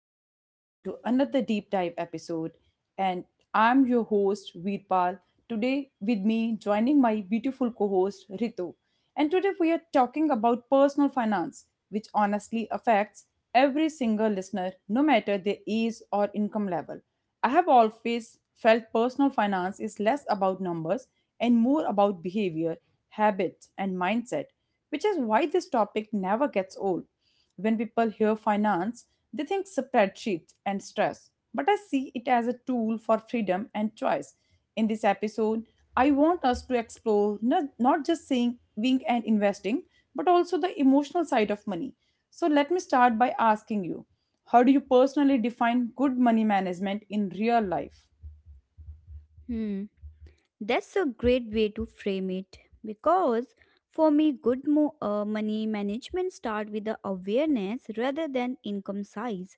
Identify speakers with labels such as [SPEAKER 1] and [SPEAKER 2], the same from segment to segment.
[SPEAKER 1] back everyone to another deep dive episode. And I'm your host Veerpal. Today with me joining my beautiful co-host Ritu. And today we are talking about personal finance, which honestly affects every single listener, no matter their age or income level. I have always felt personal finance is less about numbers and more about behavior, habits, and mindset, which is why this topic never gets old. When people hear finance, they think spreadsheets and stress, but I see it as a tool for freedom and choice. In this episode, I want us to explore not just saving and investing, but also the emotional side of money. So let me start by asking you, how do you personally define good money management in real life?
[SPEAKER 2] Hmm, that's a great way to frame it because for me, good money management start with the awareness rather than income size.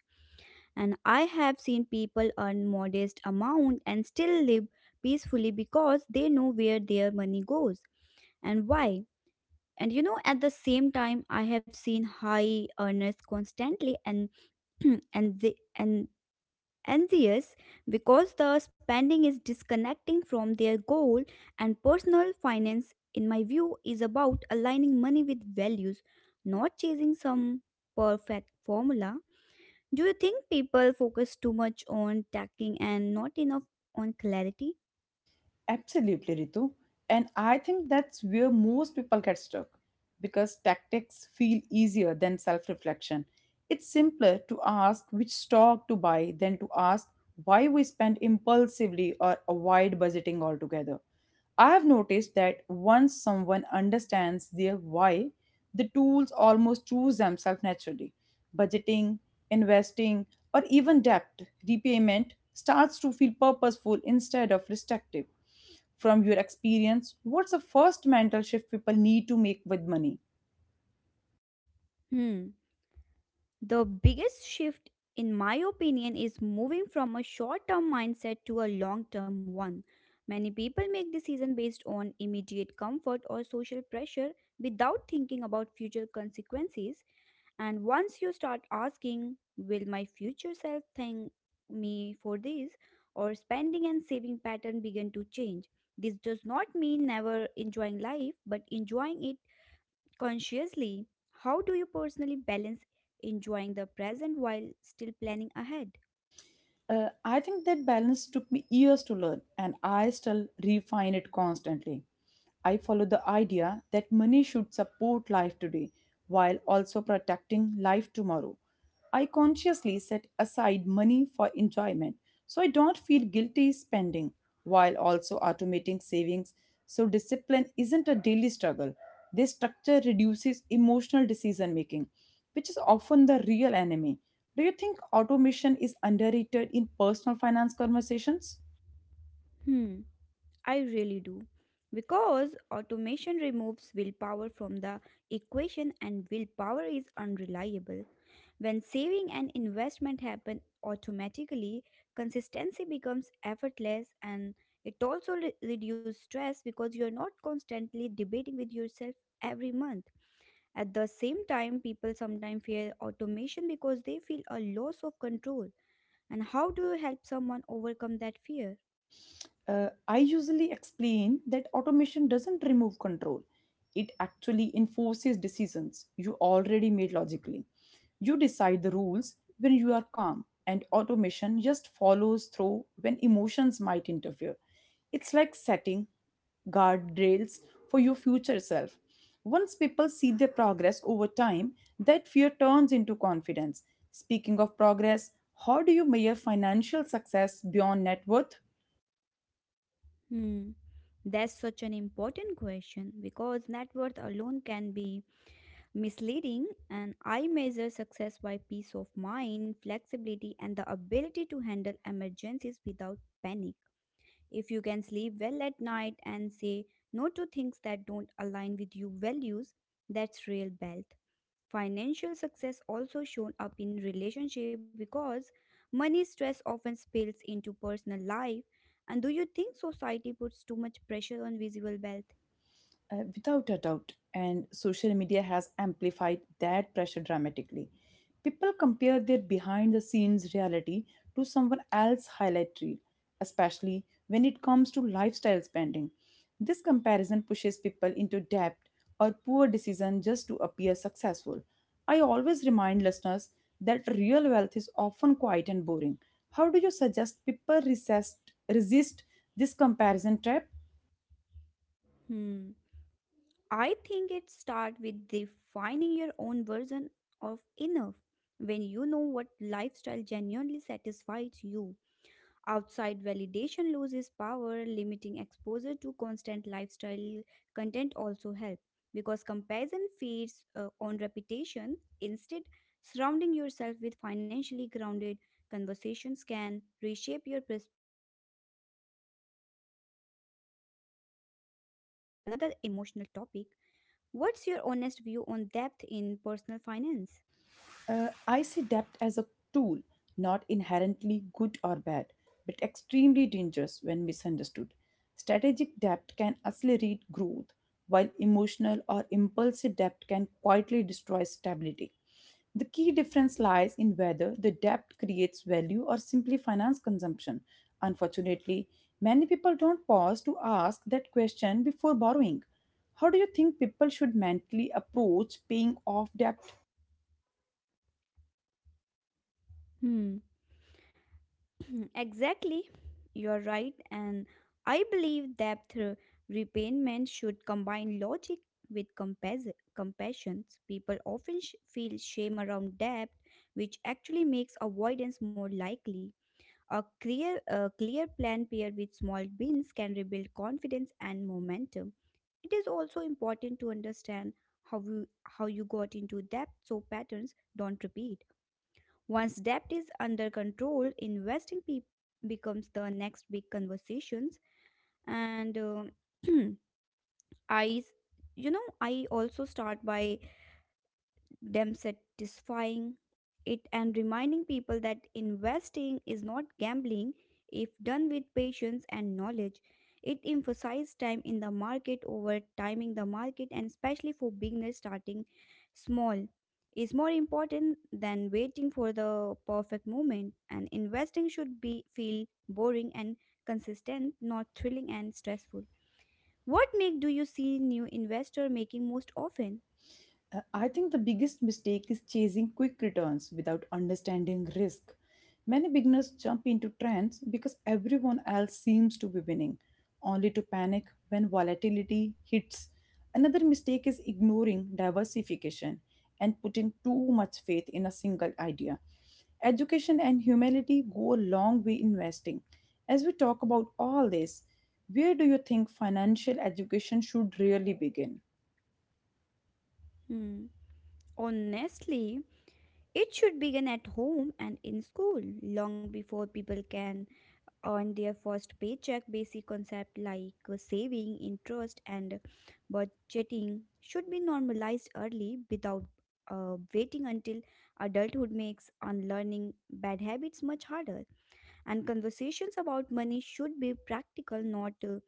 [SPEAKER 2] And I have seen people earn modest amount and still live peacefully because they know where their money goes and why. And you know, at the same time, I have seen high earners constantly and and anxious because the spending is disconnecting from their goal, and personal finance, in my view, is about aligning money with values, not chasing some perfect formula. Do you think people focus too much on tacking and not enough on clarity?
[SPEAKER 1] Absolutely, Ritu. And I think that's where most people get stuck because tactics feel easier than self reflection. It's simpler to ask which stock to buy than to ask why we spend impulsively or avoid budgeting altogether. I have noticed that once someone understands their why, the tools almost choose themselves naturally. Budgeting, investing, or even debt repayment starts to feel purposeful instead of restrictive. From your experience, what's the first mental shift people need to make with money?
[SPEAKER 2] Hmm. The biggest shift, in my opinion, is moving from a short term mindset to a long term one. Many people make decisions based on immediate comfort or social pressure without thinking about future consequences. And once you start asking, will my future self thank me for this? Or spending and saving pattern begin to change. This does not mean never enjoying life, but enjoying it consciously. How do you personally balance enjoying the present while still planning ahead?
[SPEAKER 1] I think that balance took me years to learn, and I still refine it constantly. I follow the idea that money should support life today while also protecting life tomorrow. I consciously set aside money for enjoyment so I don't feel guilty spending while also automating savings so discipline isn't a daily struggle. This structure reduces emotional decision making, which is often the real enemy. Do you think automation is underrated in personal finance conversations?
[SPEAKER 2] Hmm, I really do. Because automation removes willpower from the equation and willpower is unreliable. When saving and investment happen automatically, consistency becomes effortless, and it also reduces stress because you are not constantly debating with yourself every month. At the same time, people sometimes fear automation because they feel a loss of control. And how do you help someone overcome that fear?
[SPEAKER 1] I usually explain that automation doesn't remove control. It actually enforces decisions you already made logically. You decide the rules when you are calm, and automation just follows through when emotions might interfere. It's like setting guardrails for your future self. Once people see their progress over time, that fear turns into confidence. Speaking of progress, how do you measure financial success beyond net worth?
[SPEAKER 2] Hmm. That's such an important question because net worth alone can be misleading, and I measure success by peace of mind, flexibility, and the ability to handle emergencies without panic. If you can sleep well at night and say no to things that don't align with your values, that's real wealth. Financial success also shown up in relationship because money stress often spills into personal life. And do you think society puts too much pressure on visible wealth?
[SPEAKER 1] Without a doubt, and social media has amplified that pressure dramatically. People compare their behind the scenes reality to someone else's highlight reel, especially when it comes to lifestyle spending. This comparison pushes people into debt or poor decisions just to appear successful. I always remind listeners that real wealth is often quiet and boring. How do you suggest people resist this comparison trap?
[SPEAKER 2] Hmm. I think it starts with defining your own version of enough. When you know what lifestyle genuinely satisfies you, outside validation loses power. Limiting exposure to constant lifestyle content also help because comparison feeds on reputation. Instead, surrounding yourself with financially grounded conversations can reshape your perspective also. And that brings me to depth, which is another emotional topic. What's your honest view on depth in personal finance?
[SPEAKER 1] I see debt as a tool, not inherently good or bad, but extremely dangerous when misunderstood. Strategic debt can accelerate growth, while emotional or impulsive debt can quietly destroy stability. The key difference lies in whether the debt creates value or simply finance consumption. Unfortunately, many people don't pause to ask that question before borrowing. How do you think people should mentally approach paying off debt?
[SPEAKER 2] Mm, exactly. You're right. And I believe that repayment should combine logic with compassion. People often feel shame around debt, which actually makes avoidance more likely. A clear plan paired with small wins can rebuild confidence and momentum. It is also important to understand how you got into debt so patterns don't repeat. Once debt is under control, investing becomes the next big conversations. And I, s- you know, I also start by them satisfying it and reminding people that investing is not gambling if done with patience and knowledge. It emphasizes time in the market over timing the market, and especially for beginners, starting small is more important than waiting for the perfect moment. And investing should be feel boring and consistent, not thrilling and stressful. What make do you see new investor making most often?
[SPEAKER 1] I think the biggest mistake is chasing quick returns without understanding risk. Many beginners jump into trends because everyone else seems to be winning, only to panic when volatility hits. Another mistake is ignoring diversification and putting too much faith in a single idea. Education and humility go a long way investing. As we talk about all this, where do you think financial education should really begin?
[SPEAKER 2] Hmm. Honestly, it should begin at home and in school, long before people can earn their first paycheck. Basic concepts like saving, interest, and budgeting should be normalized early without waiting until adulthood makes unlearning bad habits much harder. And conversations about money should be practical, not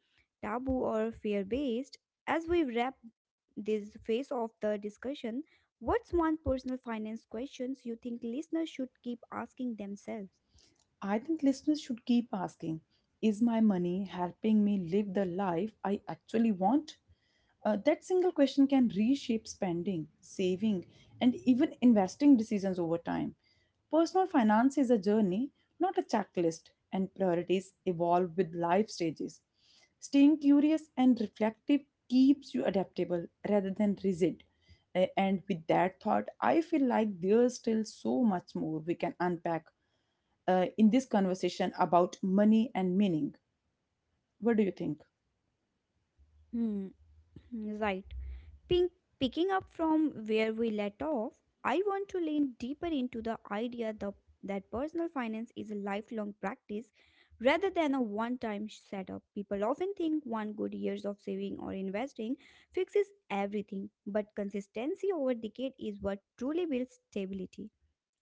[SPEAKER 2] taboo or fear based. As we wrap this phase of the discussion, what's one personal finance questions you think listeners should keep asking themselves?
[SPEAKER 1] I think listeners should keep asking, is my money helping me live the life I actually want? That single question can reshape spending, saving, and even investing decisions over time. Personal finance is a journey, not a checklist, and priorities evolve with life stages. Staying curious and reflective keeps you adaptable rather than rigid. And with that thought, I feel like there's still so much more we can unpack in this conversation about money and meaning. What do you think?
[SPEAKER 2] Hmm, right. Pink, picking up from where we let off, I want to lean deeper into the idea that personal finance is a lifelong practice rather than a one time setup. People often think one good years of saving or investing fixes everything, but consistency over decade is what truly builds stability.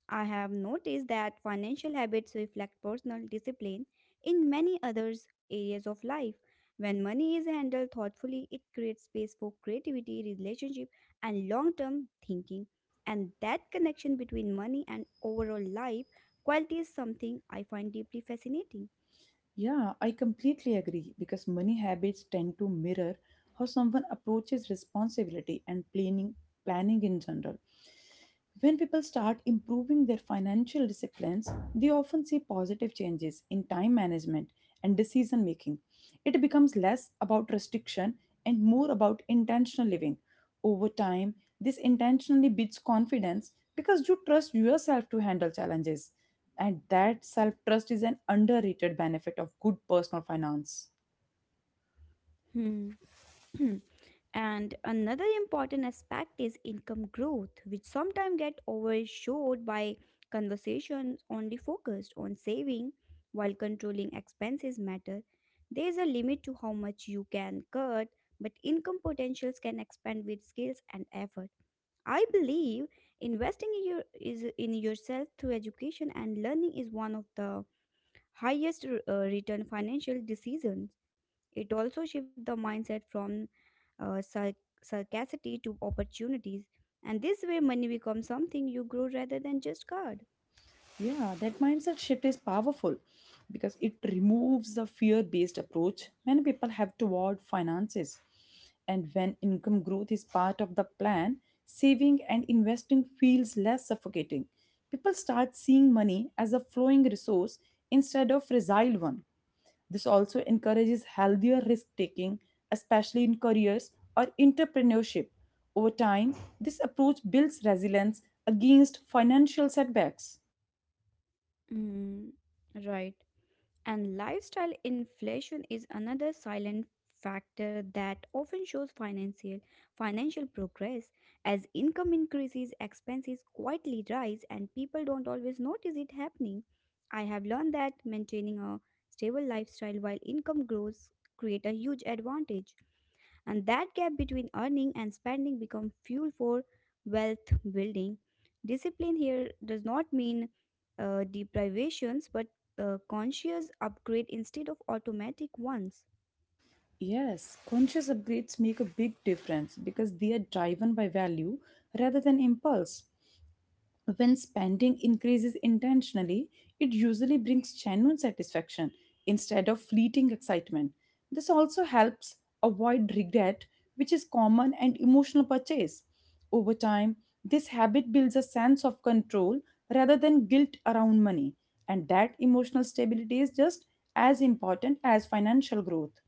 [SPEAKER 2] I have noticed that financial habits reflect personal discipline in many other areas of life. When money is handled thoughtfully, it creates space for creativity, relationship, and long term thinking. And that connection between money and overall life quality is something I find deeply fascinating.
[SPEAKER 1] Yeah, I completely agree because money habits tend to mirror how someone approaches responsibility and planning in general. When people start improving their financial disciplines, they often see positive changes in time management and decision making. It becomes less about restriction and more about intentional living. Over time, this intentionally builds confidence because you trust yourself to handle challenges. And that self trust is an underrated benefit of good personal finance.
[SPEAKER 2] Hmm. And another important aspect is income growth, which sometimes get overshadowed by conversations only focused on saving, while controlling expenses matter. There is a limit to how much you can cut, but income potentials can expand with skills and effort. I believe investing in yourself through education and learning is one of the highest return financial decisions. It also shifts the mindset from uh, sar- scarcity to opportunities, and this way, money becomes something you grow rather than just guard.
[SPEAKER 1] Yeah, that mindset shift is powerful because it removes the fear based approach many people have toward finances. And when income growth is part of the plan, saving and investing feels less suffocating. People start seeing money as a flowing resource instead of fragile one. This also encourages healthier risk taking, especially in careers or entrepreneurship. Over time, this approach builds resilience against financial setbacks.
[SPEAKER 2] Mm, right. And lifestyle inflation is another silent factor that often shows financial progress. As income increases, expenses quietly rise, and people don't always notice it happening. I have learned that maintaining a stable lifestyle while income grows create a huge advantage. And that gap between earning and spending becomes fuel for wealth building. Discipline here does not mean deprivations, but conscious upgrade instead of automatic ones.
[SPEAKER 1] Yes, conscious upgrades make a big difference because they are driven by value rather than impulse. When spending increases intentionally, it usually brings genuine satisfaction instead of fleeting excitement. This also helps avoid regret, which is common and emotional purchase. Over time, this habit builds a sense of control rather than guilt around money, and that emotional stability is just as important as financial growth.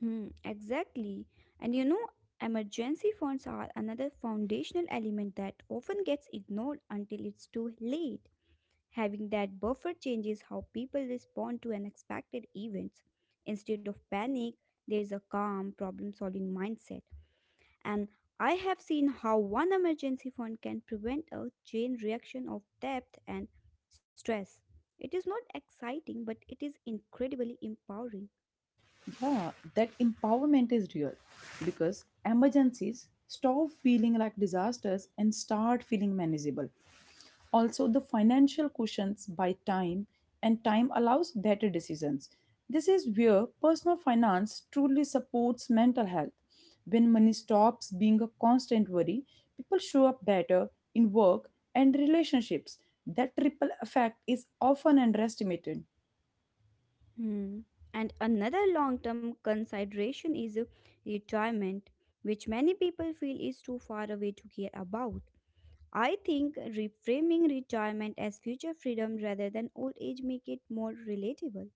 [SPEAKER 2] Hmm, exactly. And you know, emergency funds are another foundational element that often gets ignored until it's too late. Having that buffer changes how people respond to unexpected events. Instead of panic, there is a calm, problem solving mindset. And I have seen how one emergency fund can prevent a chain reaction of debt and stress. It is not exciting, but it is incredibly empowering.
[SPEAKER 1] Yeah, that empowerment is real because emergencies stop feeling like disasters and start feeling manageable. Also, the financial cushions by time and time allows better decisions. This is where personal finance truly supports mental health. When money stops being a constant worry, people show up better in work and relationships. That triple effect is often underestimated.
[SPEAKER 2] Hmm. And another long term consideration is retirement, which many people feel is too far away to care about. I think reframing retirement as future freedom rather than old age make it more relatable.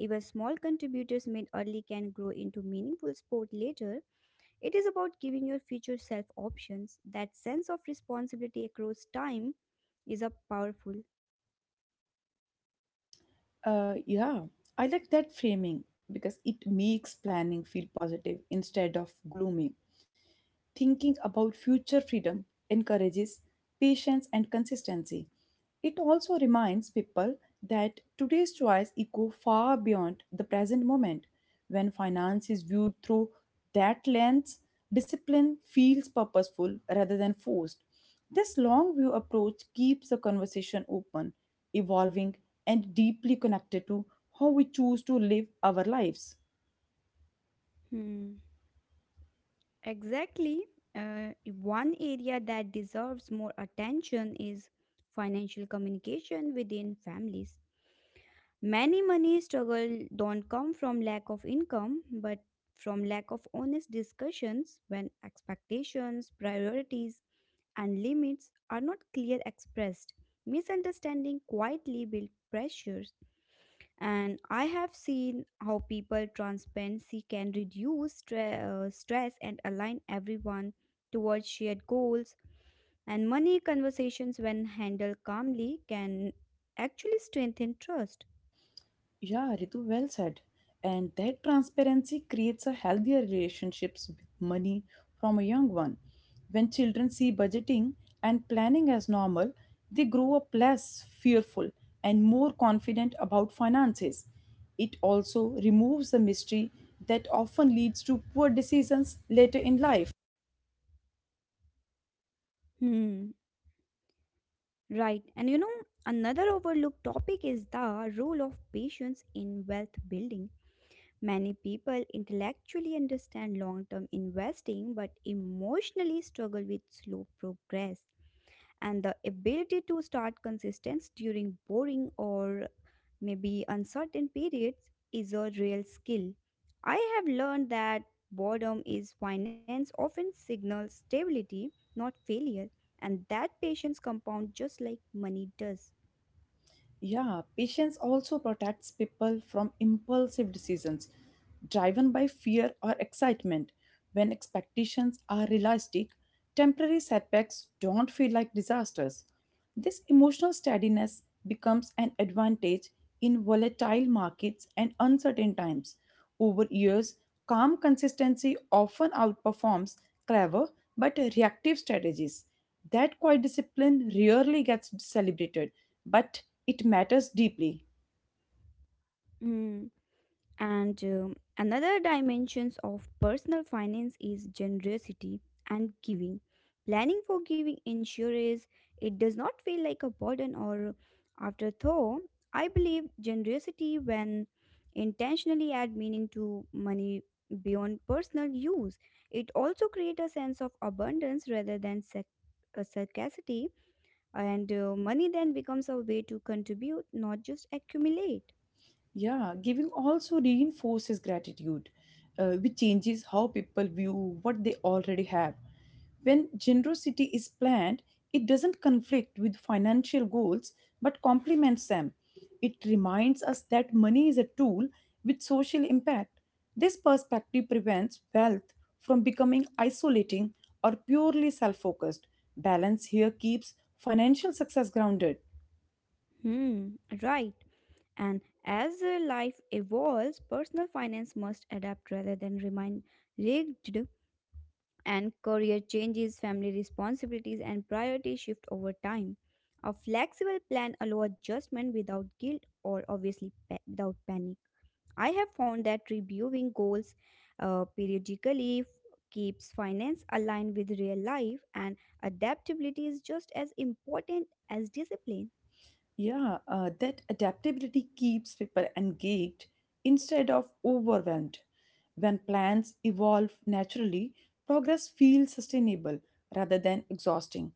[SPEAKER 2] Even small contributors made early can grow into meaningful support later. It is about giving your future self options. That sense of responsibility across time is a powerful.
[SPEAKER 1] Yeah, I like that framing because it makes planning feel positive instead of gloomy thinking about future freedom encourages patience and consistency. It also reminds people that today's choice echo far beyond the present moment. When finance is viewed through that lens, discipline feels purposeful rather than forced. This long view approach keeps the conversation open, evolving, and deeply connected to how we choose to live our lives.
[SPEAKER 2] Hmm. Exactly. One area that deserves more attention is financial communication within families. Many money struggle don't come from lack of income, but from lack of honest discussions when expectations, priorities, and limits are not clear expressed. Misunderstanding quietly build pressures, and I have seen how people transparency can reduce stress and align everyone towards shared goals. And money conversations, when handled calmly, can actually strengthen trust.
[SPEAKER 1] Yeah, Ritu, well said. And that transparency creates a healthier relationships with money from a young one. When children see budgeting and planning as normal, they grow up less fearful and more confident about finances. It also removes the mystery that often leads to poor decisions later in life.
[SPEAKER 2] Hmm, right. And you know, another overlooked topic is the role of patience in wealth building. Many people intellectually understand long term investing but emotionally struggle with slow progress, and the ability to start consistency during boring or maybe uncertain periods is a real skill. I have learned that boredom is finance often signals stability, not failure, and that patience compound just like money does.
[SPEAKER 1] Yeah, patience also protects people from impulsive decisions driven by fear or excitement. When expectations are realistic, temporary setbacks don't feel like disasters. This emotional steadiness becomes an advantage in volatile markets and uncertain times. Over years, calm consistency often outperforms clever but reactive strategies. That quiet discipline rarely gets celebrated, but it matters deeply.
[SPEAKER 2] And another dimensions of personal finance is generosity and giving. Planning for giving ensures it does not feel like a burden or afterthought. I believe generosity, when intentionally add meaning to money beyond personal use, it also creates a sense of abundance rather than scarcity, and money then becomes a way to contribute, not just accumulate.
[SPEAKER 1] Yeah, giving also reinforces gratitude, which changes how people view what they already have. When generosity is planned, it doesn't conflict with financial goals but complements them. It reminds us that money is a tool with social impact. This perspective prevents wealth from becoming isolating or purely self focused. Balance here keeps financial success grounded.
[SPEAKER 2] Hmm, right. And as life evolves, personal finance must adapt rather than remain rigid, and career changes, family responsibilities, and priorities shift over time. A flexible plan allows adjustment without guilt or obviously without panic. I have found that reviewing goals periodically keeps finance aligned with real life, and adaptability is just as important as discipline.
[SPEAKER 1] Yeah, that adaptability keeps people engaged instead of overwhelmed. When plans evolve naturally, progress feels
[SPEAKER 2] Hmm.
[SPEAKER 1] sustainable rather than exhausting.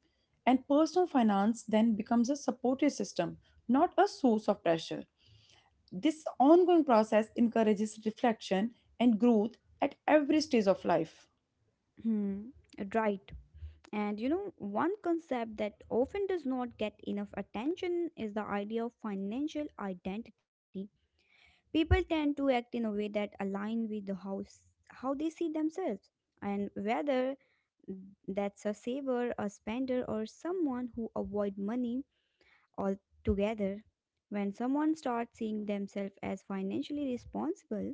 [SPEAKER 1] And personal finance then becomes a supportive system, not a source of pressure. This ongoing process encourages reflection and growth at every stage of life.
[SPEAKER 2] Hmm. Right. And you know, one concept that often does not get enough attention is the idea of financial identity. People tend to act in a way that align with the house how they see themselves, and whether that's a saver, a spender, or someone who avoid money altogether. When someone starts seeing themselves as financially responsible,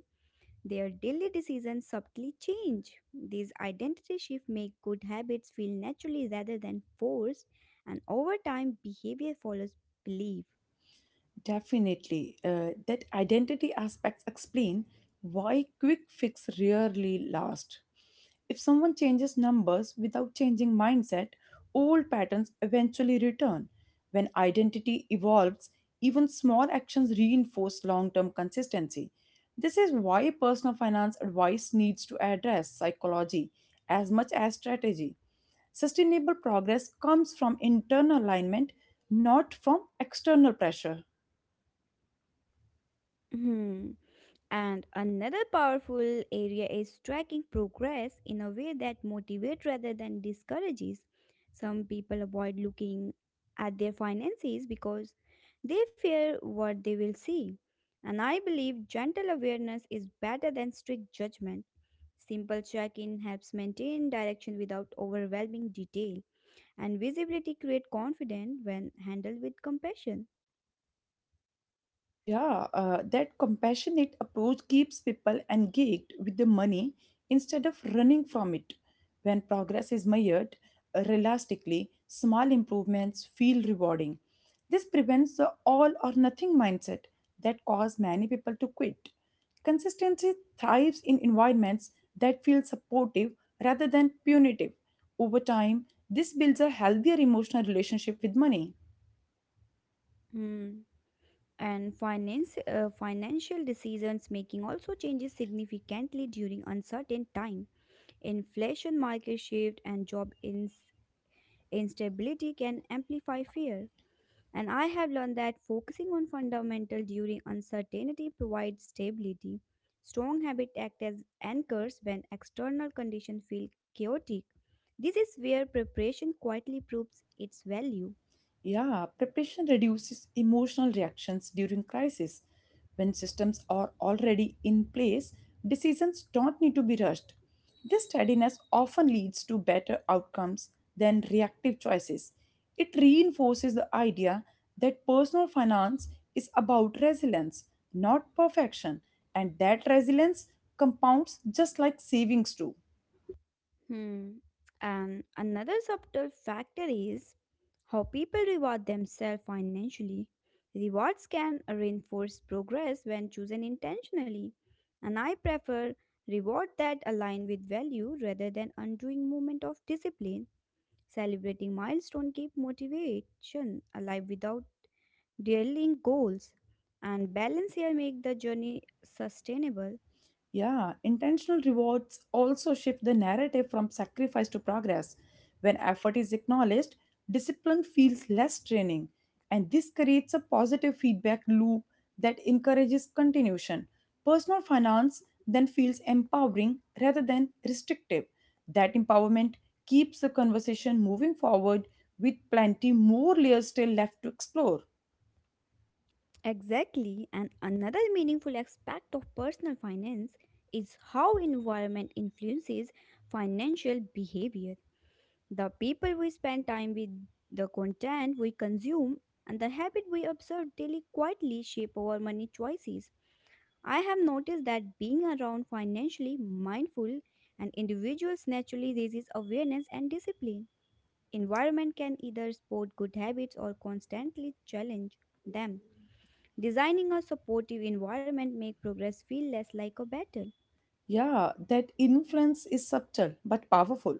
[SPEAKER 2] their daily decisions subtly change. These identity shifts make good habits feel naturally rather than forced, and over time, behavior follows belief.
[SPEAKER 1] Definitely. That identity aspects explain why quick fix rarely last. If someone changes numbers without changing mindset, old patterns eventually return. When identity evolves, even small actions reinforce long term consistency. This is why personal finance advice needs to address psychology as much as strategy. Sustainable progress comes from internal alignment, not from external pressure.
[SPEAKER 2] Hmm. And another powerful area is tracking progress in a way that motivates rather than discourages. Some people avoid looking at their finances because they fear what they will see. And I believe gentle awareness is better than strict judgment. Simple check-in helps maintain direction without overwhelming detail, and visibility creates confidence when handled with compassion.
[SPEAKER 1] Yeah, that compassionate approach keeps people engaged with the money instead of running from it. When progress is measured realistically, small improvements feel rewarding. This prevents the all or nothing mindset that causes many people to quit. Consistency thrives in environments that feel supportive rather than punitive. Over time, this builds a healthier emotional relationship with money.
[SPEAKER 2] Hmm. And financial decisions making also changes significantly during uncertain time. Inflation, market shift, and job instability can amplify fear. And I have learned that focusing on fundamental during uncertainty provides stability. Strong habits act as anchors when external conditions feel chaotic. This is where preparation quietly proves its value.
[SPEAKER 1] Yeah, preparation reduces emotional reactions during crisis. When systems are already in place, decisions don't need to be rushed. This steadiness often leads to better outcomes than reactive choices. It reinforces the idea that personal finance is about resilience, not perfection, and that resilience compounds just like savings do.
[SPEAKER 2] Hmm. And another subtle factor is how people reward themselves financially. Rewards can reinforce progress when chosen intentionally, and I prefer reward that align with value rather than undoing moment of discipline. Celebrating milestone keep motivation alive without derailing goals, and balance here make the journey sustainable.
[SPEAKER 1] Yeah, intentional rewards also shift the narrative from sacrifice to progress. When effort is acknowledged, discipline feels less draining, and this creates a positive feedback loop that encourages continuation. Personal finance then feels empowering rather than restrictive. That empowerment keeps the conversation moving forward with plenty more layers still left to explore.
[SPEAKER 2] Exactly, and another meaningful aspect of personal finance is how environment influences financial behavior. The people we spend time with, the content we consume, and the habit we observe daily quietly shape our money choices. I have noticed that being around financially mindful and individuals naturally raises awareness and discipline. Environment can either support good habits or constantly challenge them. Designing a supportive environment make progress feel less like a battle.
[SPEAKER 1] Yeah, that influence is subtle but powerful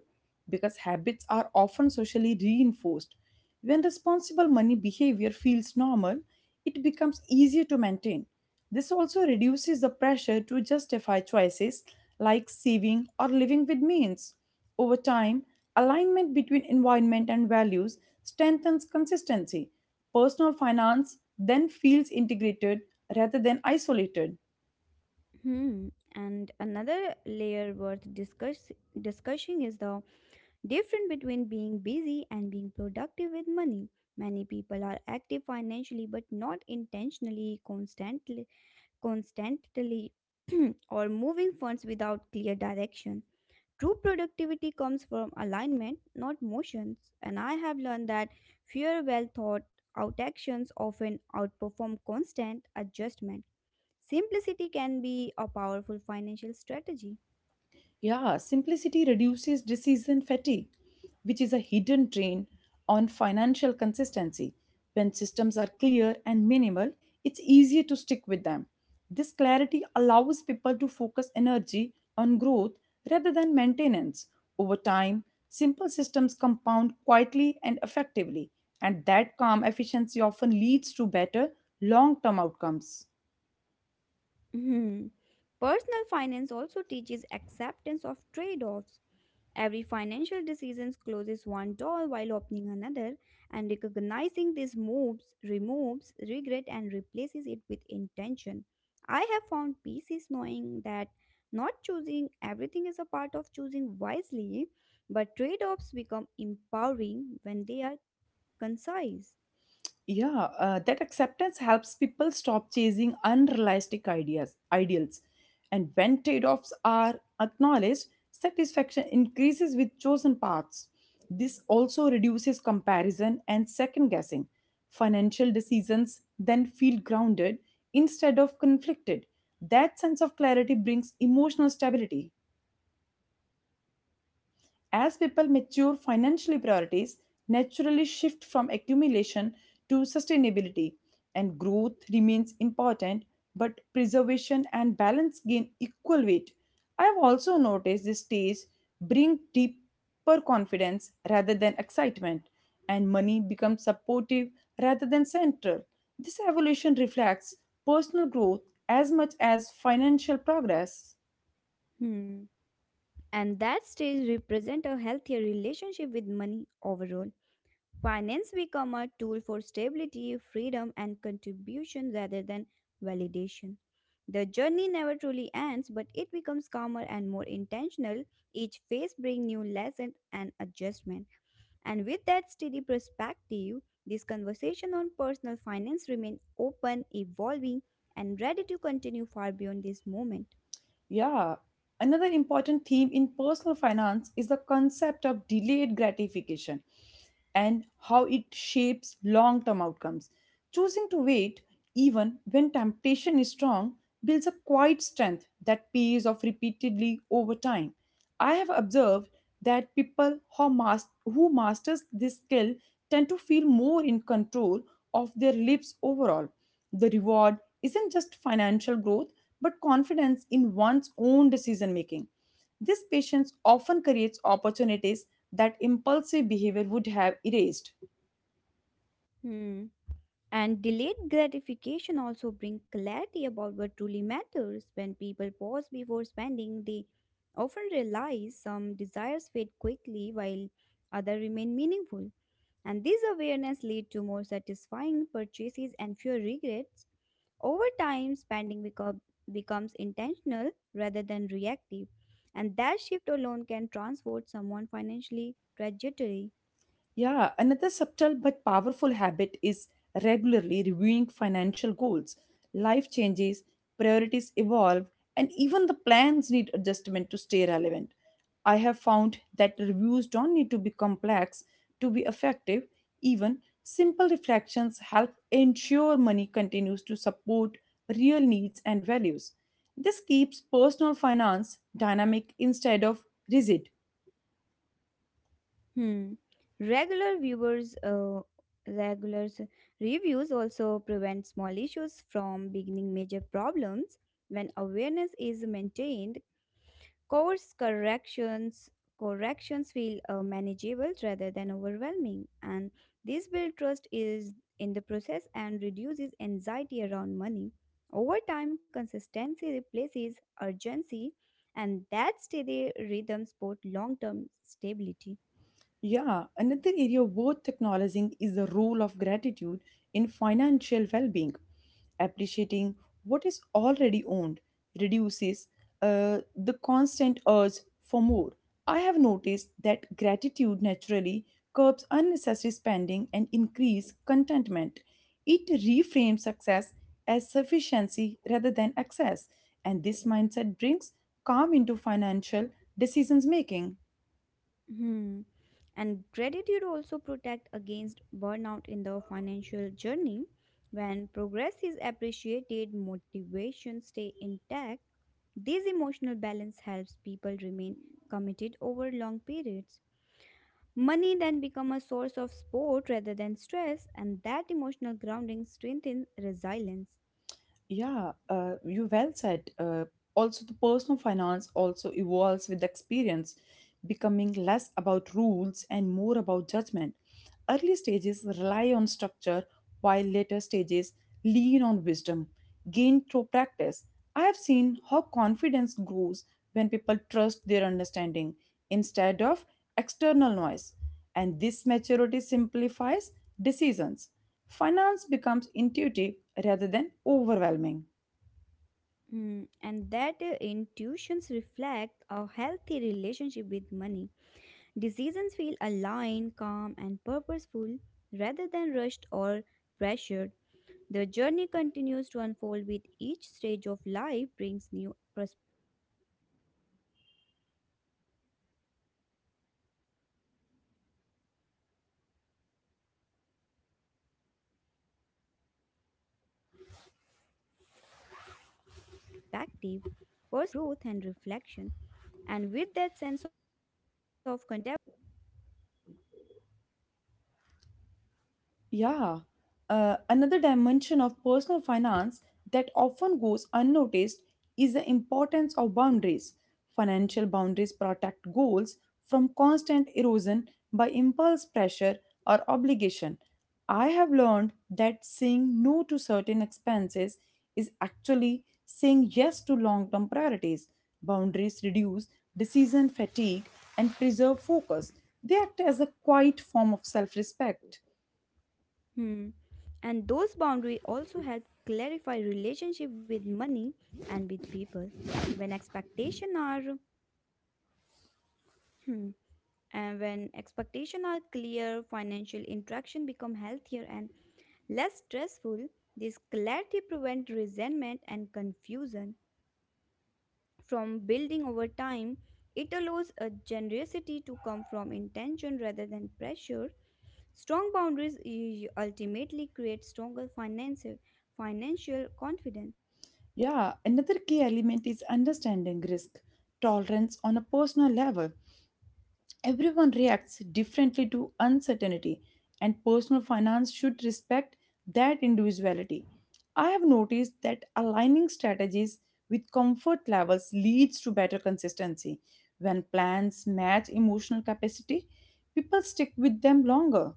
[SPEAKER 1] because habits are often socially reinforced. When responsible money behavior feels normal, it becomes easier to maintain. This also reduces the pressure to justify choices like saving or living with means. Over time, alignment between environment and values strengthens consistency. Personal finance then feels integrated rather than isolated.
[SPEAKER 2] Hmm. And another layer worth discussing is the difference between being busy and being productive with money. Many people are active financially but not intentionally, constantly, or moving funds without clear direction. True productivity comes from alignment, not motions, and I have learned that fewer well thought out actions often outperform constant adjustment. Simplicity can be a powerful financial strategy.
[SPEAKER 1] Yeah, simplicity reduces decision fatigue, which is a hidden drain on financial consistency. When systems are clear and minimal, it's easier to stick with them. This clarity allows people to focus energy on growth rather than maintenance. Over time, simple systems compound quietly and effectively, and that calm efficiency often leads to better long term outcomes.
[SPEAKER 2] Mhm. Personal finance also teaches acceptance of trade offs. Every financial decision closes one door while opening another, and recognizing these moves removes regret and replaces it with intention. I have found peace is knowing that not choosing everything is a part of choosing wisely, but trade offs become empowering when they are concise.
[SPEAKER 1] Yeah, that acceptance helps people stop chasing unrealistic ideas ideals, and when trade-offs are acknowledged, satisfaction increases with chosen paths. This also reduces comparison and second guessing. Financial decisions then feel grounded instead of conflicted. That sense of clarity brings emotional stability. As people mature, financial priorities naturally shift from accumulation to sustainability, and growth remains important, but preservation and balance gain equal weight. I have also noticed this stage bring deeper confidence rather than excitement, and money becomes supportive rather than central. This evolution reflects personal growth as much as financial progress.
[SPEAKER 2] Hmm. And that stage represent a healthier relationship with money overall. Finance become a tool for stability, freedom, and contribution rather than validation. The journey never truly ends, but it becomes calmer and more intentional. Each phase brings new lessons and adjustment. And with that steady perspective, this conversation on personal finance remains open, evolving, and ready to continue far beyond this moment.
[SPEAKER 1] Yeah. Another important theme in personal finance is the concept of delayed gratification and how it shapes long term outcomes. Choosing to wait, even when temptation is strong, builds a quiet strength that pays off repeatedly over time. I have observed that who masters this skill tend to feel more in control of their lives overall. The reward isn't just financial growth, but confidence in one's own decision making. This patience often creates opportunities that impulsive behavior would have erased.
[SPEAKER 2] Hmm. And delayed gratification also brings clarity about what truly matters. When people pause before spending, they often realize some desires fade quickly while others remain meaningful. And this awareness leads to more satisfying purchases and fewer regrets. Over time, spending becomes intentional rather than reactive. And that shift alone can transform someone financially trajectory.
[SPEAKER 1] Yeah, another subtle but powerful habit is regularly reviewing financial goals. Life changes, priorities evolve, and even the plans need adjustment to stay relevant. I have found that reviews don't need to be complex to be effective. Even simple reflections help ensure money continues to support real needs and values. This keeps personal finance dynamic instead of rigid.
[SPEAKER 2] Hmm. Regular viewers, uh, regulars reviews also prevent small issues from beginning major problems. When awareness is maintained, course corrections feel manageable rather than overwhelming, and this build trust is in the process and reduces anxiety around money. Over time, consistency replaces urgency, and that steady rhythm support long-term stability.
[SPEAKER 1] Yeah, another area worth acknowledging is the role of gratitude in financial well being. Appreciating what is already owned reduces the constant urge for more. I have noticed that gratitude naturally curbs unnecessary spending and increases contentment. It reframes success as sufficiency rather than excess, and this mindset brings calm into financial decisions making.
[SPEAKER 2] Hmm. And gratitude also protect against burnout in the financial journey. When progress is appreciated, motivation stay intact. This emotional balance helps people remain committed over long periods. Money then become a source of support rather than stress, and that emotional grounding strengthens resilience.
[SPEAKER 1] Yeah, you well said. Also, the personal finance also evolves with experience, becoming less about rules and more about judgment. Early stages rely on structure, while later stages lean on wisdom gained through practice. I have seen how confidence grows when people trust their understanding instead of external noise, and this maturity simplifies decisions. Finance becomes intuitive rather than overwhelming.
[SPEAKER 2] Hmm. And that intuitions reflect a healthy relationship with money. Decisions feel aligned, calm, and purposeful rather than rushed or pressured. The journey continues to unfold with each stage of life brings new perspectives, naturally stays open for whatever comes next.
[SPEAKER 1] Yeah, another dimension of personal finance that often goes unnoticed is the importance of boundaries. Financial boundaries protect goals from constant erosion by impulse pressure or obligation. I have learned that saying no to certain expenses is actually saying yes to long term priorities. Boundaries reduce decision fatigue and preserve focus. They act as a quiet form of self respect.
[SPEAKER 2] Hmm. And those boundaries also help clarify relationship with money and with people. When expectation are hmm, when expectation are clear, financial interaction become healthier and less stressful. This clarity prevents resentment and confusion from building over time. It allows a generosity to come from intention rather than pressure. Strong boundaries ultimately create stronger financial confidence.
[SPEAKER 1] Yeah, another key element is understanding risk tolerance on a personal level. Everyone reacts differently to uncertainty, and personal finance should respect that individuality. I have noticed that aligning strategies with comfort levels leads to better consistency. When plans match emotional capacity, people stick with them longer.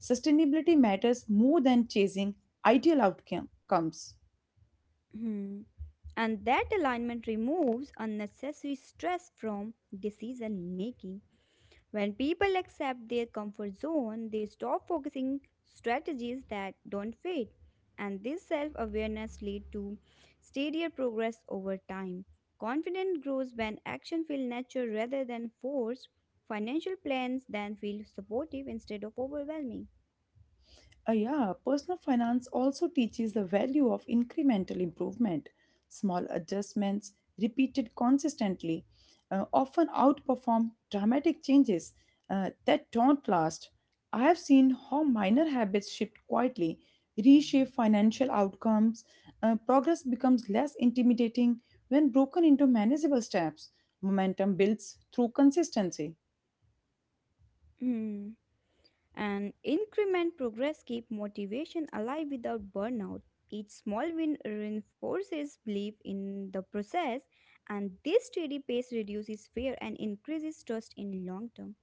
[SPEAKER 1] Sustainability matters more than chasing ideal outcomes.
[SPEAKER 2] Hmm. And that alignment removes unnecessary stress from decision making. When people accept their comfort zone, they stop focusing strategies that don't fit. And this self-awareness lead to steadier progress over time. Confidence grows when action feels natural rather than forced. Financial plans then feel supportive instead of overwhelming.
[SPEAKER 1] Yeah, personal finance also teaches the value of incremental improvement. Small adjustments, repeated consistently, often outperform dramatic changes that don't last. I have seen how minor habits shift quietly, reshape financial outcomes. Progress becomes less intimidating when broken into manageable steps. Momentum builds through consistency.
[SPEAKER 2] Hmm. And increment progress keep motivation alive without burnout. Each small win reinforces belief in the process, and this steady pace reduces fear and increases trust in long term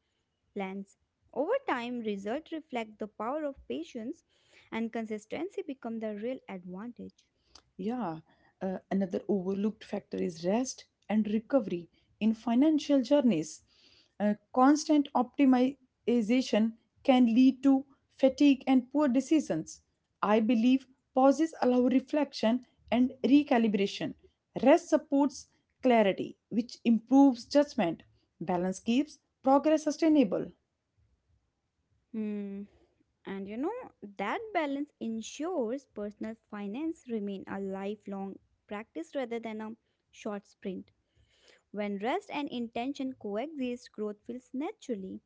[SPEAKER 2] plans. Over time, results reflect the power of patience, and consistency become the real advantage.
[SPEAKER 1] Yeah, another overlooked factor is rest and recovery in financial journeys. Constant optimization can lead to fatigue and poor decisions. I believe pauses allow reflection and recalibration. Rest supports clarity, which improves judgment. Balance keeps progress sustainable.
[SPEAKER 2] Hmm. And you know, that balance ensures personal finance remain a lifelong practice rather than a short sprint. When rest and intention coexist, growth feels naturally.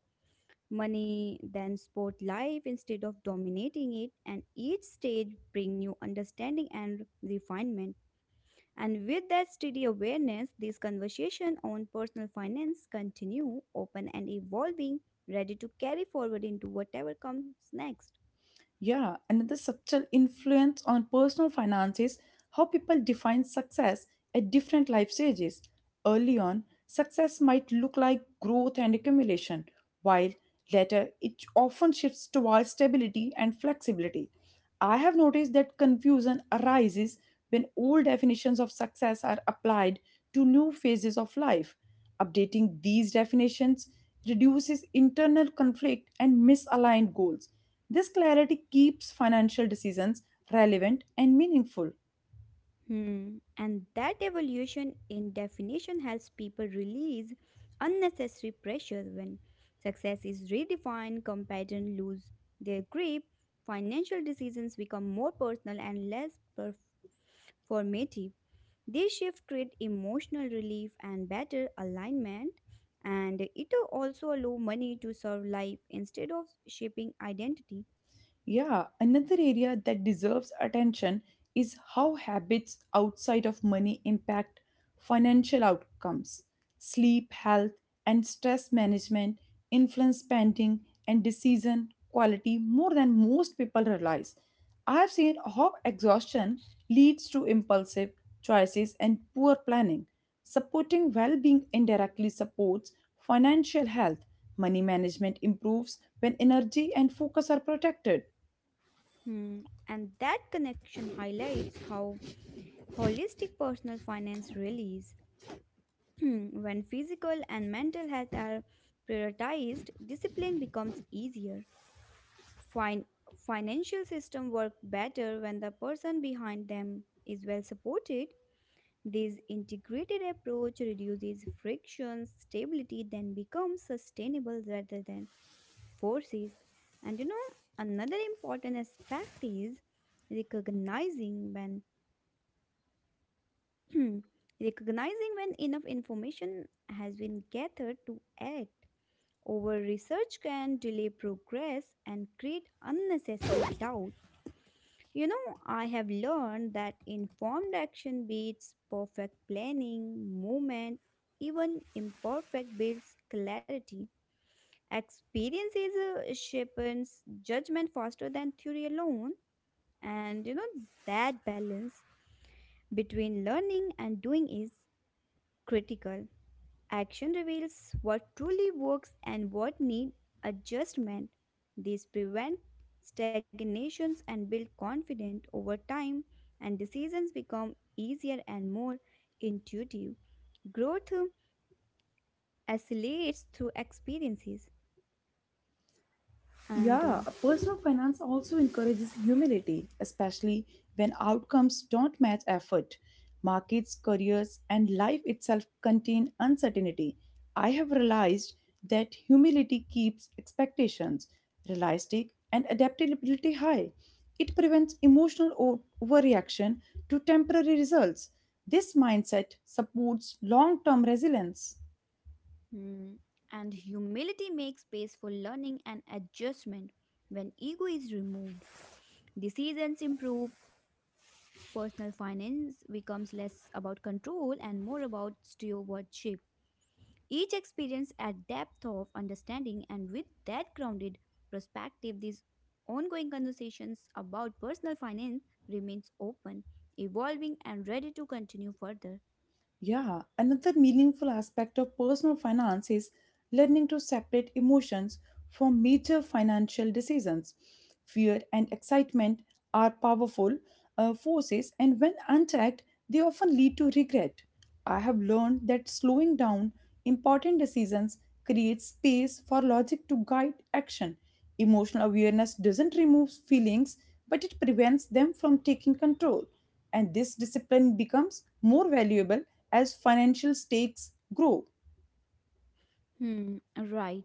[SPEAKER 2] Money then support life instead of dominating it, and each stage bring new understanding and refinement. And with that steady awareness, this conversation on personal finance continue, open and evolving, ready to carry forward into whatever comes next.
[SPEAKER 1] Yeah, another subtle influence on personal finance is how people define success at different life stages. Early on, success might look like growth and accumulation, while later it often shifts towards stability and flexibility. I have noticed that confusion arises when old definitions of success are applied to new phases of life. Updating these definitions reduces internal conflict, and misaligned goals. This clarity keeps financial decisions relevant and meaningful.
[SPEAKER 2] Hmm. And that evolution in definition helps people release unnecessary pressure when success is redefined. Comparison lose their grip. Financial decisions become more personal and less performative. This shift create emotional relief and better alignment, and it also allow money to serve life instead of shaping identity.
[SPEAKER 1] Yeah, another area that deserves attention is how habits outside of money impact financial outcomes. Sleep, health, and stress management influence spending and decision quality more than most people realize. I have seen how exhaustion leads to impulsive choices and poor planning. Supporting well being indirectly supports financial health. Money management improves when energy and focus are protected.
[SPEAKER 2] Hmm. And that connection highlights how holistic personal finance release. When physical and mental health are prioritized, discipline becomes easier. Fin- Financial system work better when the person behind them is well supported. This integrated approach reduces friction. Stability then becomes sustainable rather than forces. And you know, another important aspect is recognizing when Hmm. Recognizing when enough information has been gathered to act. Over research can delay progress and create unnecessary doubt. You know, I have learned that informed action beats perfect planning. Movement, even imperfect builds clarity. Experience is a shapens judgment faster than theory alone, and you know that balance between learning and doing is critical. Action reveals what truly works and what need adjustment. These prevent stagnations and build confidence over time, and decisions become easier and more intuitive. Growth accelerates through experiences, and uh,
[SPEAKER 1] Yeah, personal finance also encourages humility, especially when outcomes don't match effort. Markets, careers, and life itself contain uncertainty. I have realized that humility keeps expectations realistic and adaptability high. It prevents overreaction to temporary results. This mindset supports long term resilience.
[SPEAKER 2] mm, and humility makes space for learning and adjustment. When ego is removed, decisions improve. Personal finance becomes less about control and more about stewardship. Each experience adds depth of understanding, and with that grounded perspective, these ongoing conversations about personal finance remains open, evolving, and ready to continue further.
[SPEAKER 1] Yeah, another meaningful aspect of personal finance is learning to separate emotions from major financial decisions. Fear and excitement are powerful forces, and when unchecked, they often lead to regret. I have learned that slowing down important decisions creates space for logic to guide action. Emotional awareness doesn't remove feelings, but it prevents them from taking control. And this discipline becomes more valuable as financial stakes grow.
[SPEAKER 2] Hmm, right.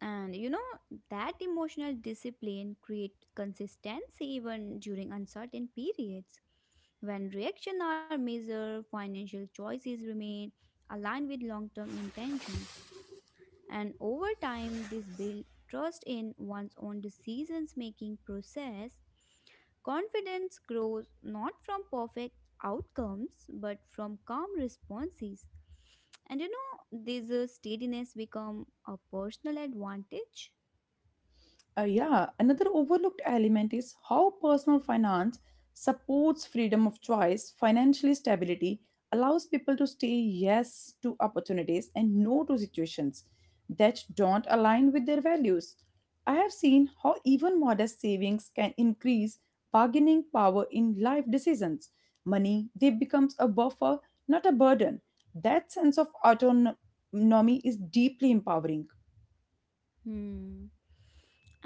[SPEAKER 2] And you know, that emotional discipline creates consistency even during uncertain periods. When reactions are measured, financial choices remain aligned with long term intentions, and over time this builds trust in one's own decisions making process. Confidence grows not from perfect outcomes but from calm responses, and you know this steadiness become a personal advantage.
[SPEAKER 1] Yeah, another overlooked element is how personal finance supports freedom of choice. Financial stability allows people to say yes to opportunities and no to situations that don't align with their values. I have seen how even modest savings can increase bargaining power in life decisions. Money, they becomes a buffer, not a burden. That sense of autonomy is deeply empowering.
[SPEAKER 2] Hmm.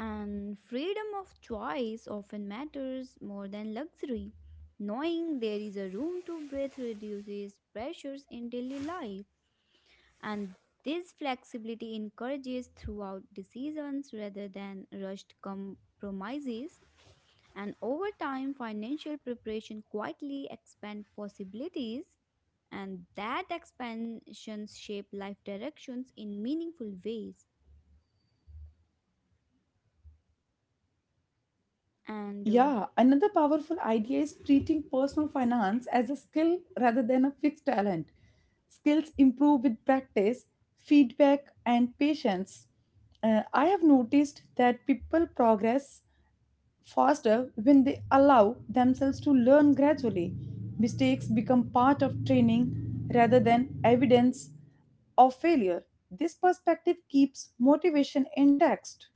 [SPEAKER 2] And freedom of choice often matters more than luxury. Knowing there is a room to breathe reduces pressures in daily life, and this flexibility encourages throughout decisions rather than rushed compromises, and over time financial preparation quietly expand possibilities, and that expansions shape life directions in meaningful ways. and uh,
[SPEAKER 1] Yeah, another powerful idea is treating personal finance as a skill rather than a fixed talent. Skills improve with practice, feedback, and patience. I have noticed that people progress faster when they allow themselves to learn gradually. Mistakes become part of training rather than evidence of failure. This perspective keeps motivation intact,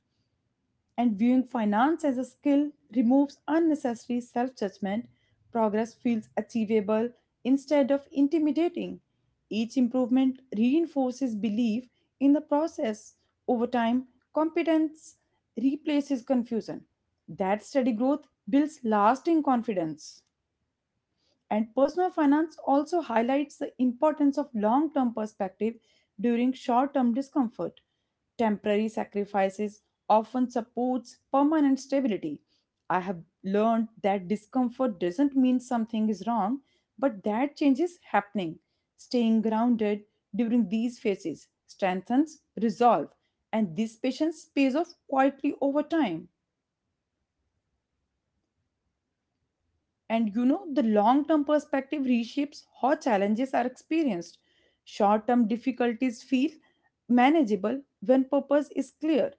[SPEAKER 1] and viewing finance as a skill removes unnecessary self judgment. Progress feels achievable instead of intimidating. Each improvement reinforces belief in the process. Over time, competence replaces confusion. That steady growth builds lasting confidence. And personal finance also highlights the importance of long term perspective during short term discomfort. Temporary sacrifices often supports permanent stability. I have learned that discomfort doesn't mean something is wrong, but that change is happening. Staying grounded during these phases strengthens resolve, and this patience pays off quietly over time. And you know, the long term perspective reshapes how challenges are experienced. Short term difficulties feel manageable when purpose is clear.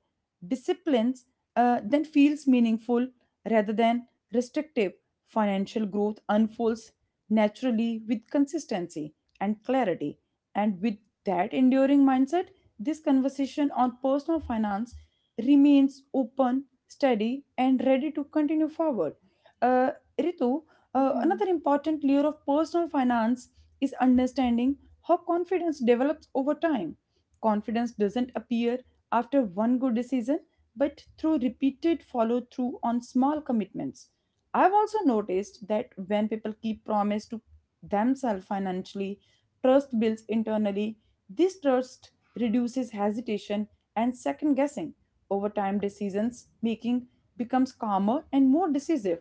[SPEAKER 1] Disciplines then feels meaningful rather than restrictive. Financial growth unfolds naturally with consistency and clarity. And with that enduring mindset, this conversation on personal finance remains open, steady, and ready to continue forward. Uh, Ritu, another
[SPEAKER 2] hmm,
[SPEAKER 1] important layer of personal finance is understanding how confidence develops over time. Confidence doesn't appear after one good decision, but through repeated follow through on small commitments. I've also noticed that when people keep promise to themselves financially, trust builds internally. This trust reduces hesitation and second guessing. Over time, decisions making becomes calmer and more decisive.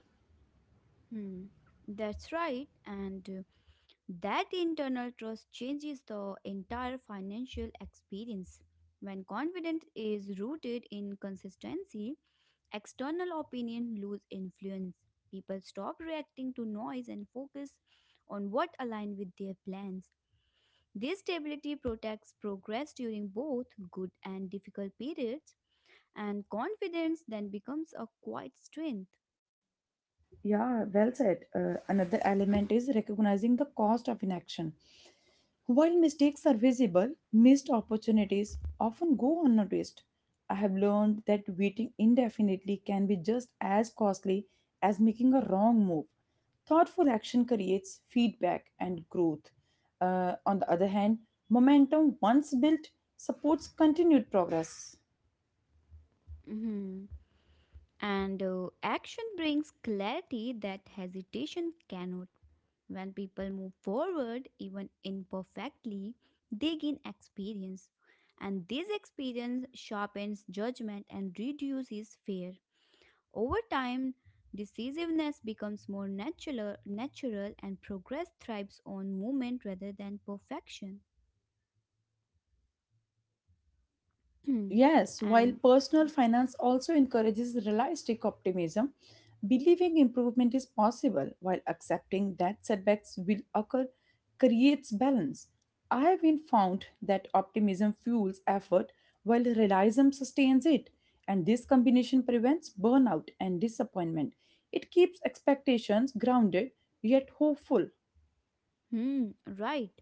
[SPEAKER 2] hmm, that's right. and That internal trust changes the entire financial experience when confidence is rooted in consistency. External opinion lose influence. People stop reacting to noise and focus on what aligns with their plans. This stability protects progress during both good and difficult periods, and confidence then becomes a quiet strength.
[SPEAKER 1] Yeah, well said. Another element is recognizing the cost of inaction. While mistakes are visible, missed opportunities often go unnoticed. I have learned that waiting indefinitely can be just as costly as making a wrong move. Thoughtful action creates feedback and growth. On the other hand, momentum once built supports continued progress.
[SPEAKER 2] Mhm. And action brings clarity that hesitation cannot. When people move forward, even imperfectly, they gain experience. And this experience sharpens judgment and reduces fear. Over time, decisiveness becomes more natural and progress thrives on movement rather than perfection.
[SPEAKER 1] Yes, while
[SPEAKER 2] And
[SPEAKER 1] personal finance also encourages realistic optimism, believing improvement is possible while accepting that setbacks will occur creates balance. I have been found that optimism fuels effort while realism sustains it, and this combination prevents burnout and disappointment. It keeps expectations grounded yet hopeful.
[SPEAKER 2] hmm, right.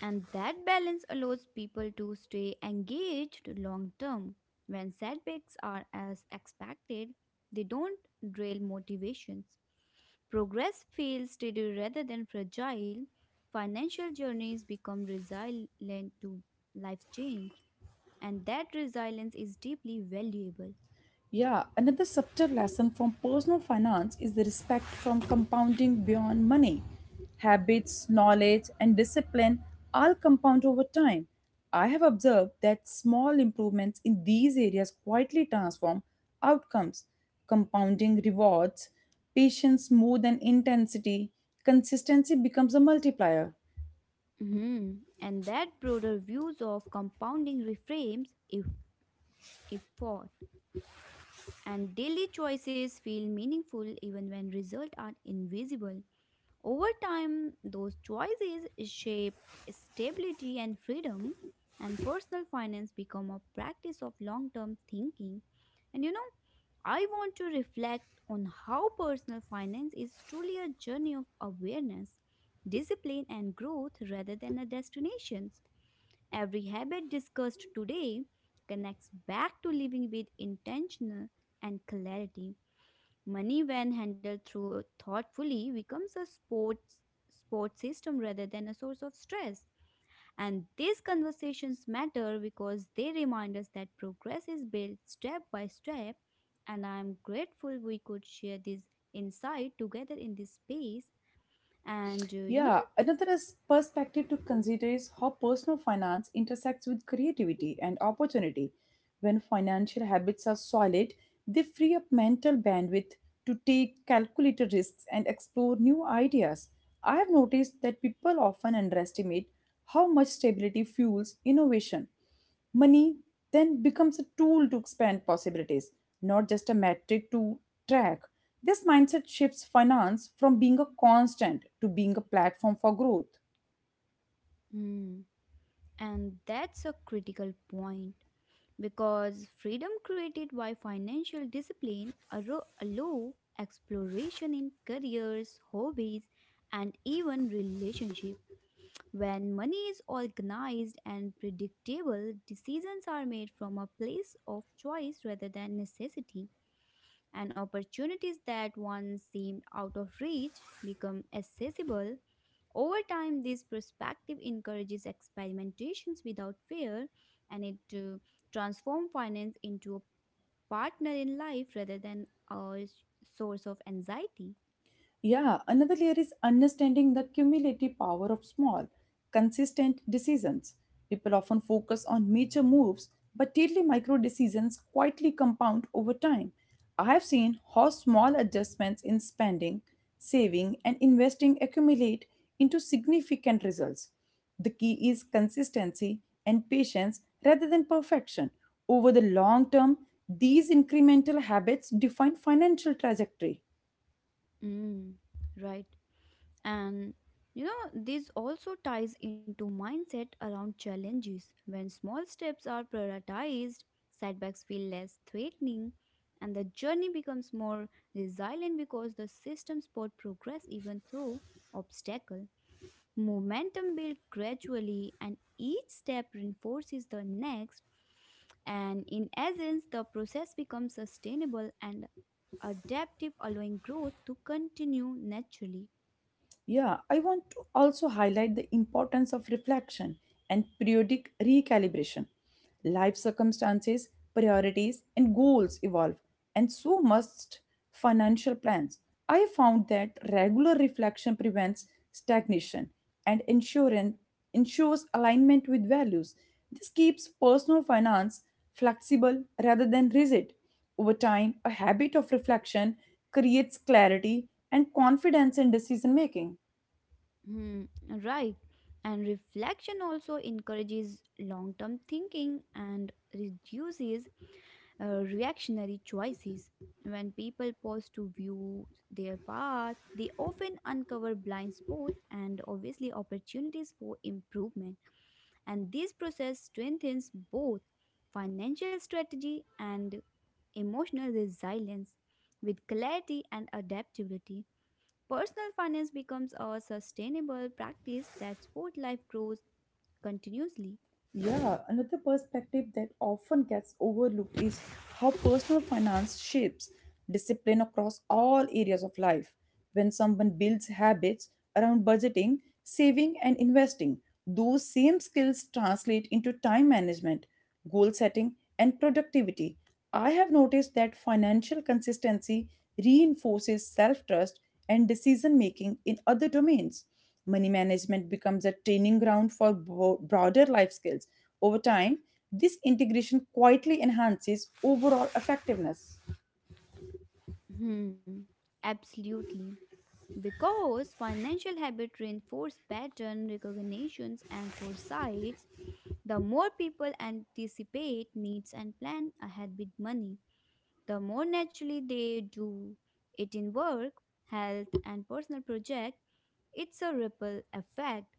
[SPEAKER 2] And that balance allows people to stay engaged long term. When setbacks are as expected, they don't derail motivations. Progress feels steady rather than fragile. Financial journeys become resilient to life change, and that resilience is deeply valuable.
[SPEAKER 1] Yeah, another subtle lesson from personal finance is the respect from compounding beyond money. Habits, knowledge, and discipline all compound over time. I have observed that small improvements in these areas quietly transform outcomes. Compounding rewards patience more than intensity. Consistency becomes a multiplier.
[SPEAKER 2] Mhm. And that broader views of compounding reframes if thought. And daily choices feel meaningful even when results are invisible. Over time, those choices shape stability and freedom, and personal finance become a practice of long-term thinking. And you know, I want to reflect on how personal finance is truly a journey of awareness, discipline, and growth rather than a destination. Every habit discussed today connects back to living with intention and clarity. Money, when handled through thoughtfully, becomes a sport system rather than a source of stress. And these conversations matter because they remind us that progress is built step by step. And I am grateful we could share this insight together in this space. And you know,
[SPEAKER 1] Yeah, another is perspective to consider is how personal finance intersects with creativity and opportunity. When financial habits are solid, they free up mental bandwidth to take calculated risks and explore new ideas. I have noticed that people often underestimate how much stability fuels innovation. Money then becomes a tool to expand possibilities, not just a metric to track. This mindset shifts finance from being a constant to being a platform for growth.
[SPEAKER 2] mm, and that's a critical point because freedom created by financial discipline allow exploration in careers, hobbies, and even relationship. When money is organized and predictable, decisions are made from a place of choice rather than necessity, and opportunities that once seemed out of reach become accessible over time. This perspective encourages experimentations without fear, and it transforms finance into a partner in life rather than a source of anxiety.
[SPEAKER 1] Yeah, another layer is understanding the cumulative power of small, consistent decisions. People often focus on major moves, but daily micro decisions quietly compound over time. I have seen how small adjustments in spending, saving, and investing accumulate into significant results. The key is consistency and patience rather than perfection. Over the long term, these incremental habits define financial trajectory.
[SPEAKER 2] Mm, right. And you know, this also ties into mindset around challenges. When small steps are prioritized, setbacks feel less threatening and the journey becomes more resilient because the system support progress even through obstacle. Momentum builds gradually, and each step reinforces the next. And in essence, the process becomes sustainable and adaptive, allowing growth to continue naturally.
[SPEAKER 1] Yeah, I want to also highlight the importance of reflection and periodic recalibration. Life circumstances, priorities, and goals evolve, and so must financial plans. I found that regular reflection prevents stagnation and insurance ensures alignment with values. This keeps personal finance flexible rather than rigid. Over time, a habit of reflection creates clarity and confidence in decision making.
[SPEAKER 2] Hmm, right. And reflection also encourages long term thinking and reduces reactionary choices. When people pause to view their path, they often uncover blind spots and obviously opportunities for improvement. And this process strengthens both financial strategy and emotional resilience with clarity and adaptability. Personal finance becomes a sustainable practice that sport life grows continuously.
[SPEAKER 1] Yeah, another perspective that often gets overlooked is how personal finance shapes discipline across all areas of life. When someone builds habits around budgeting, saving, and investing, those same skills translate into time management, goal setting, and productivity. I have noticed that financial consistency reinforces self trust and decision making in other domains. Money management becomes a training ground for broader life skills. Over time, this integration quietly enhances overall effectiveness.
[SPEAKER 2] Hmm, absolutely. Because financial habit reinforce pattern recognitions and foresights, the more people anticipate needs and plan ahead with money, the more naturally they do it in work, health, and personal project. It's a ripple effect.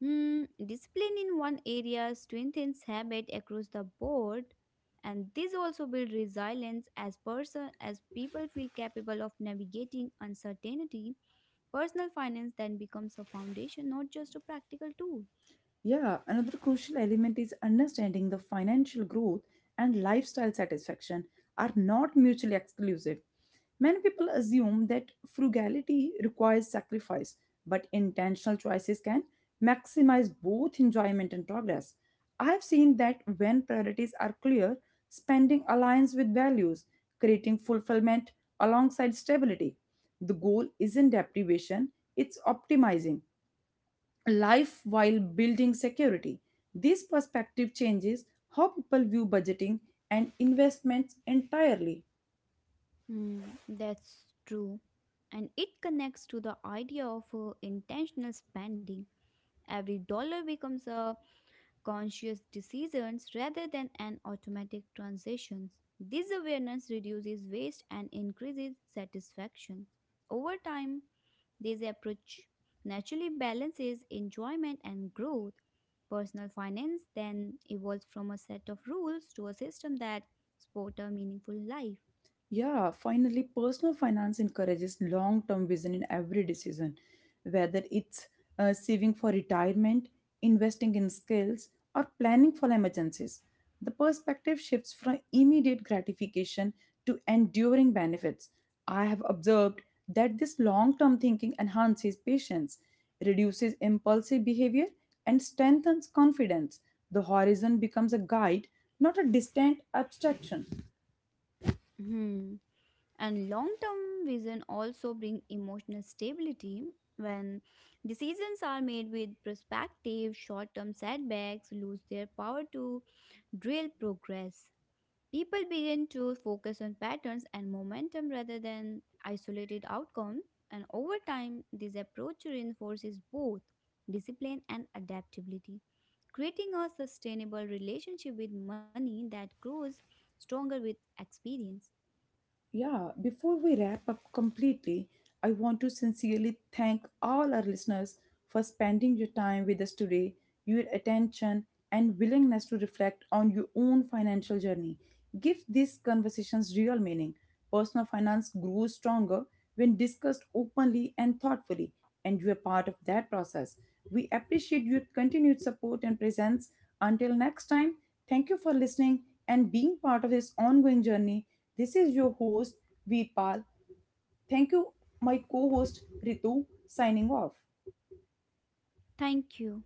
[SPEAKER 2] Hmm, discipline in one area strengthens habit across the board, and this also builds resilience as person as people feel capable of navigating uncertainty. Personal finance then becomes a foundation, not just a practical tool.
[SPEAKER 1] Yeah, another crucial element is understanding the financial growth and lifestyle satisfaction are not mutually exclusive. Many people assume that frugality requires sacrifice, but intentional choices can maximize both enjoyment and progress. I've seen that when priorities are clear, spending aligns with values, creating fulfillment alongside stability. The goal isn't deprivation, it's optimizing life while building security. This perspective changes how people view budgeting and investments entirely.
[SPEAKER 2] Hmm, that's true. And it connects to the idea of intentional spending. Every dollar becomes a conscious decision rather than an automatic transaction. This awareness reduces waste and increases satisfaction. Over time, this approach naturally balances enjoyment and growth. Personal finance then evolves from a set of rules to a system that support a meaningful life.
[SPEAKER 1] Yeah, finally, personal finance encourages long term vision in every decision, whether it's saving for retirement, investing in skills, or planning for emergencies. The perspective shifts from immediate gratification to enduring benefits. I have observed that this long term thinking enhances patience, reduces impulsive behavior, and strengthens confidence. The horizon becomes a guide, not a distant abstraction.
[SPEAKER 2] Hmm. And long-term vision also bring emotional stability. When decisions are made with perspective, short-term setbacks lose their power to derail progress. People begin to focus on patterns and momentum rather than isolated outcomes, and over time this approach reinforces both discipline and adaptability, creating a sustainable relationship with money that grows stronger with experience.
[SPEAKER 1] Yeah, before we wrap up completely, I want to sincerely thank all our listeners for spending your time with us today, your attention, and willingness to reflect on your own financial journey. Give these conversations real meaning. Personal finance grows stronger when discussed openly and thoughtfully, and you are part of that process. We appreciate your continued support and presence. Until next time, thank you for listening and being part of this ongoing journey. This is your host, Veerpal. Thank you, my co host, Ritu, signing off.
[SPEAKER 2] Thank you.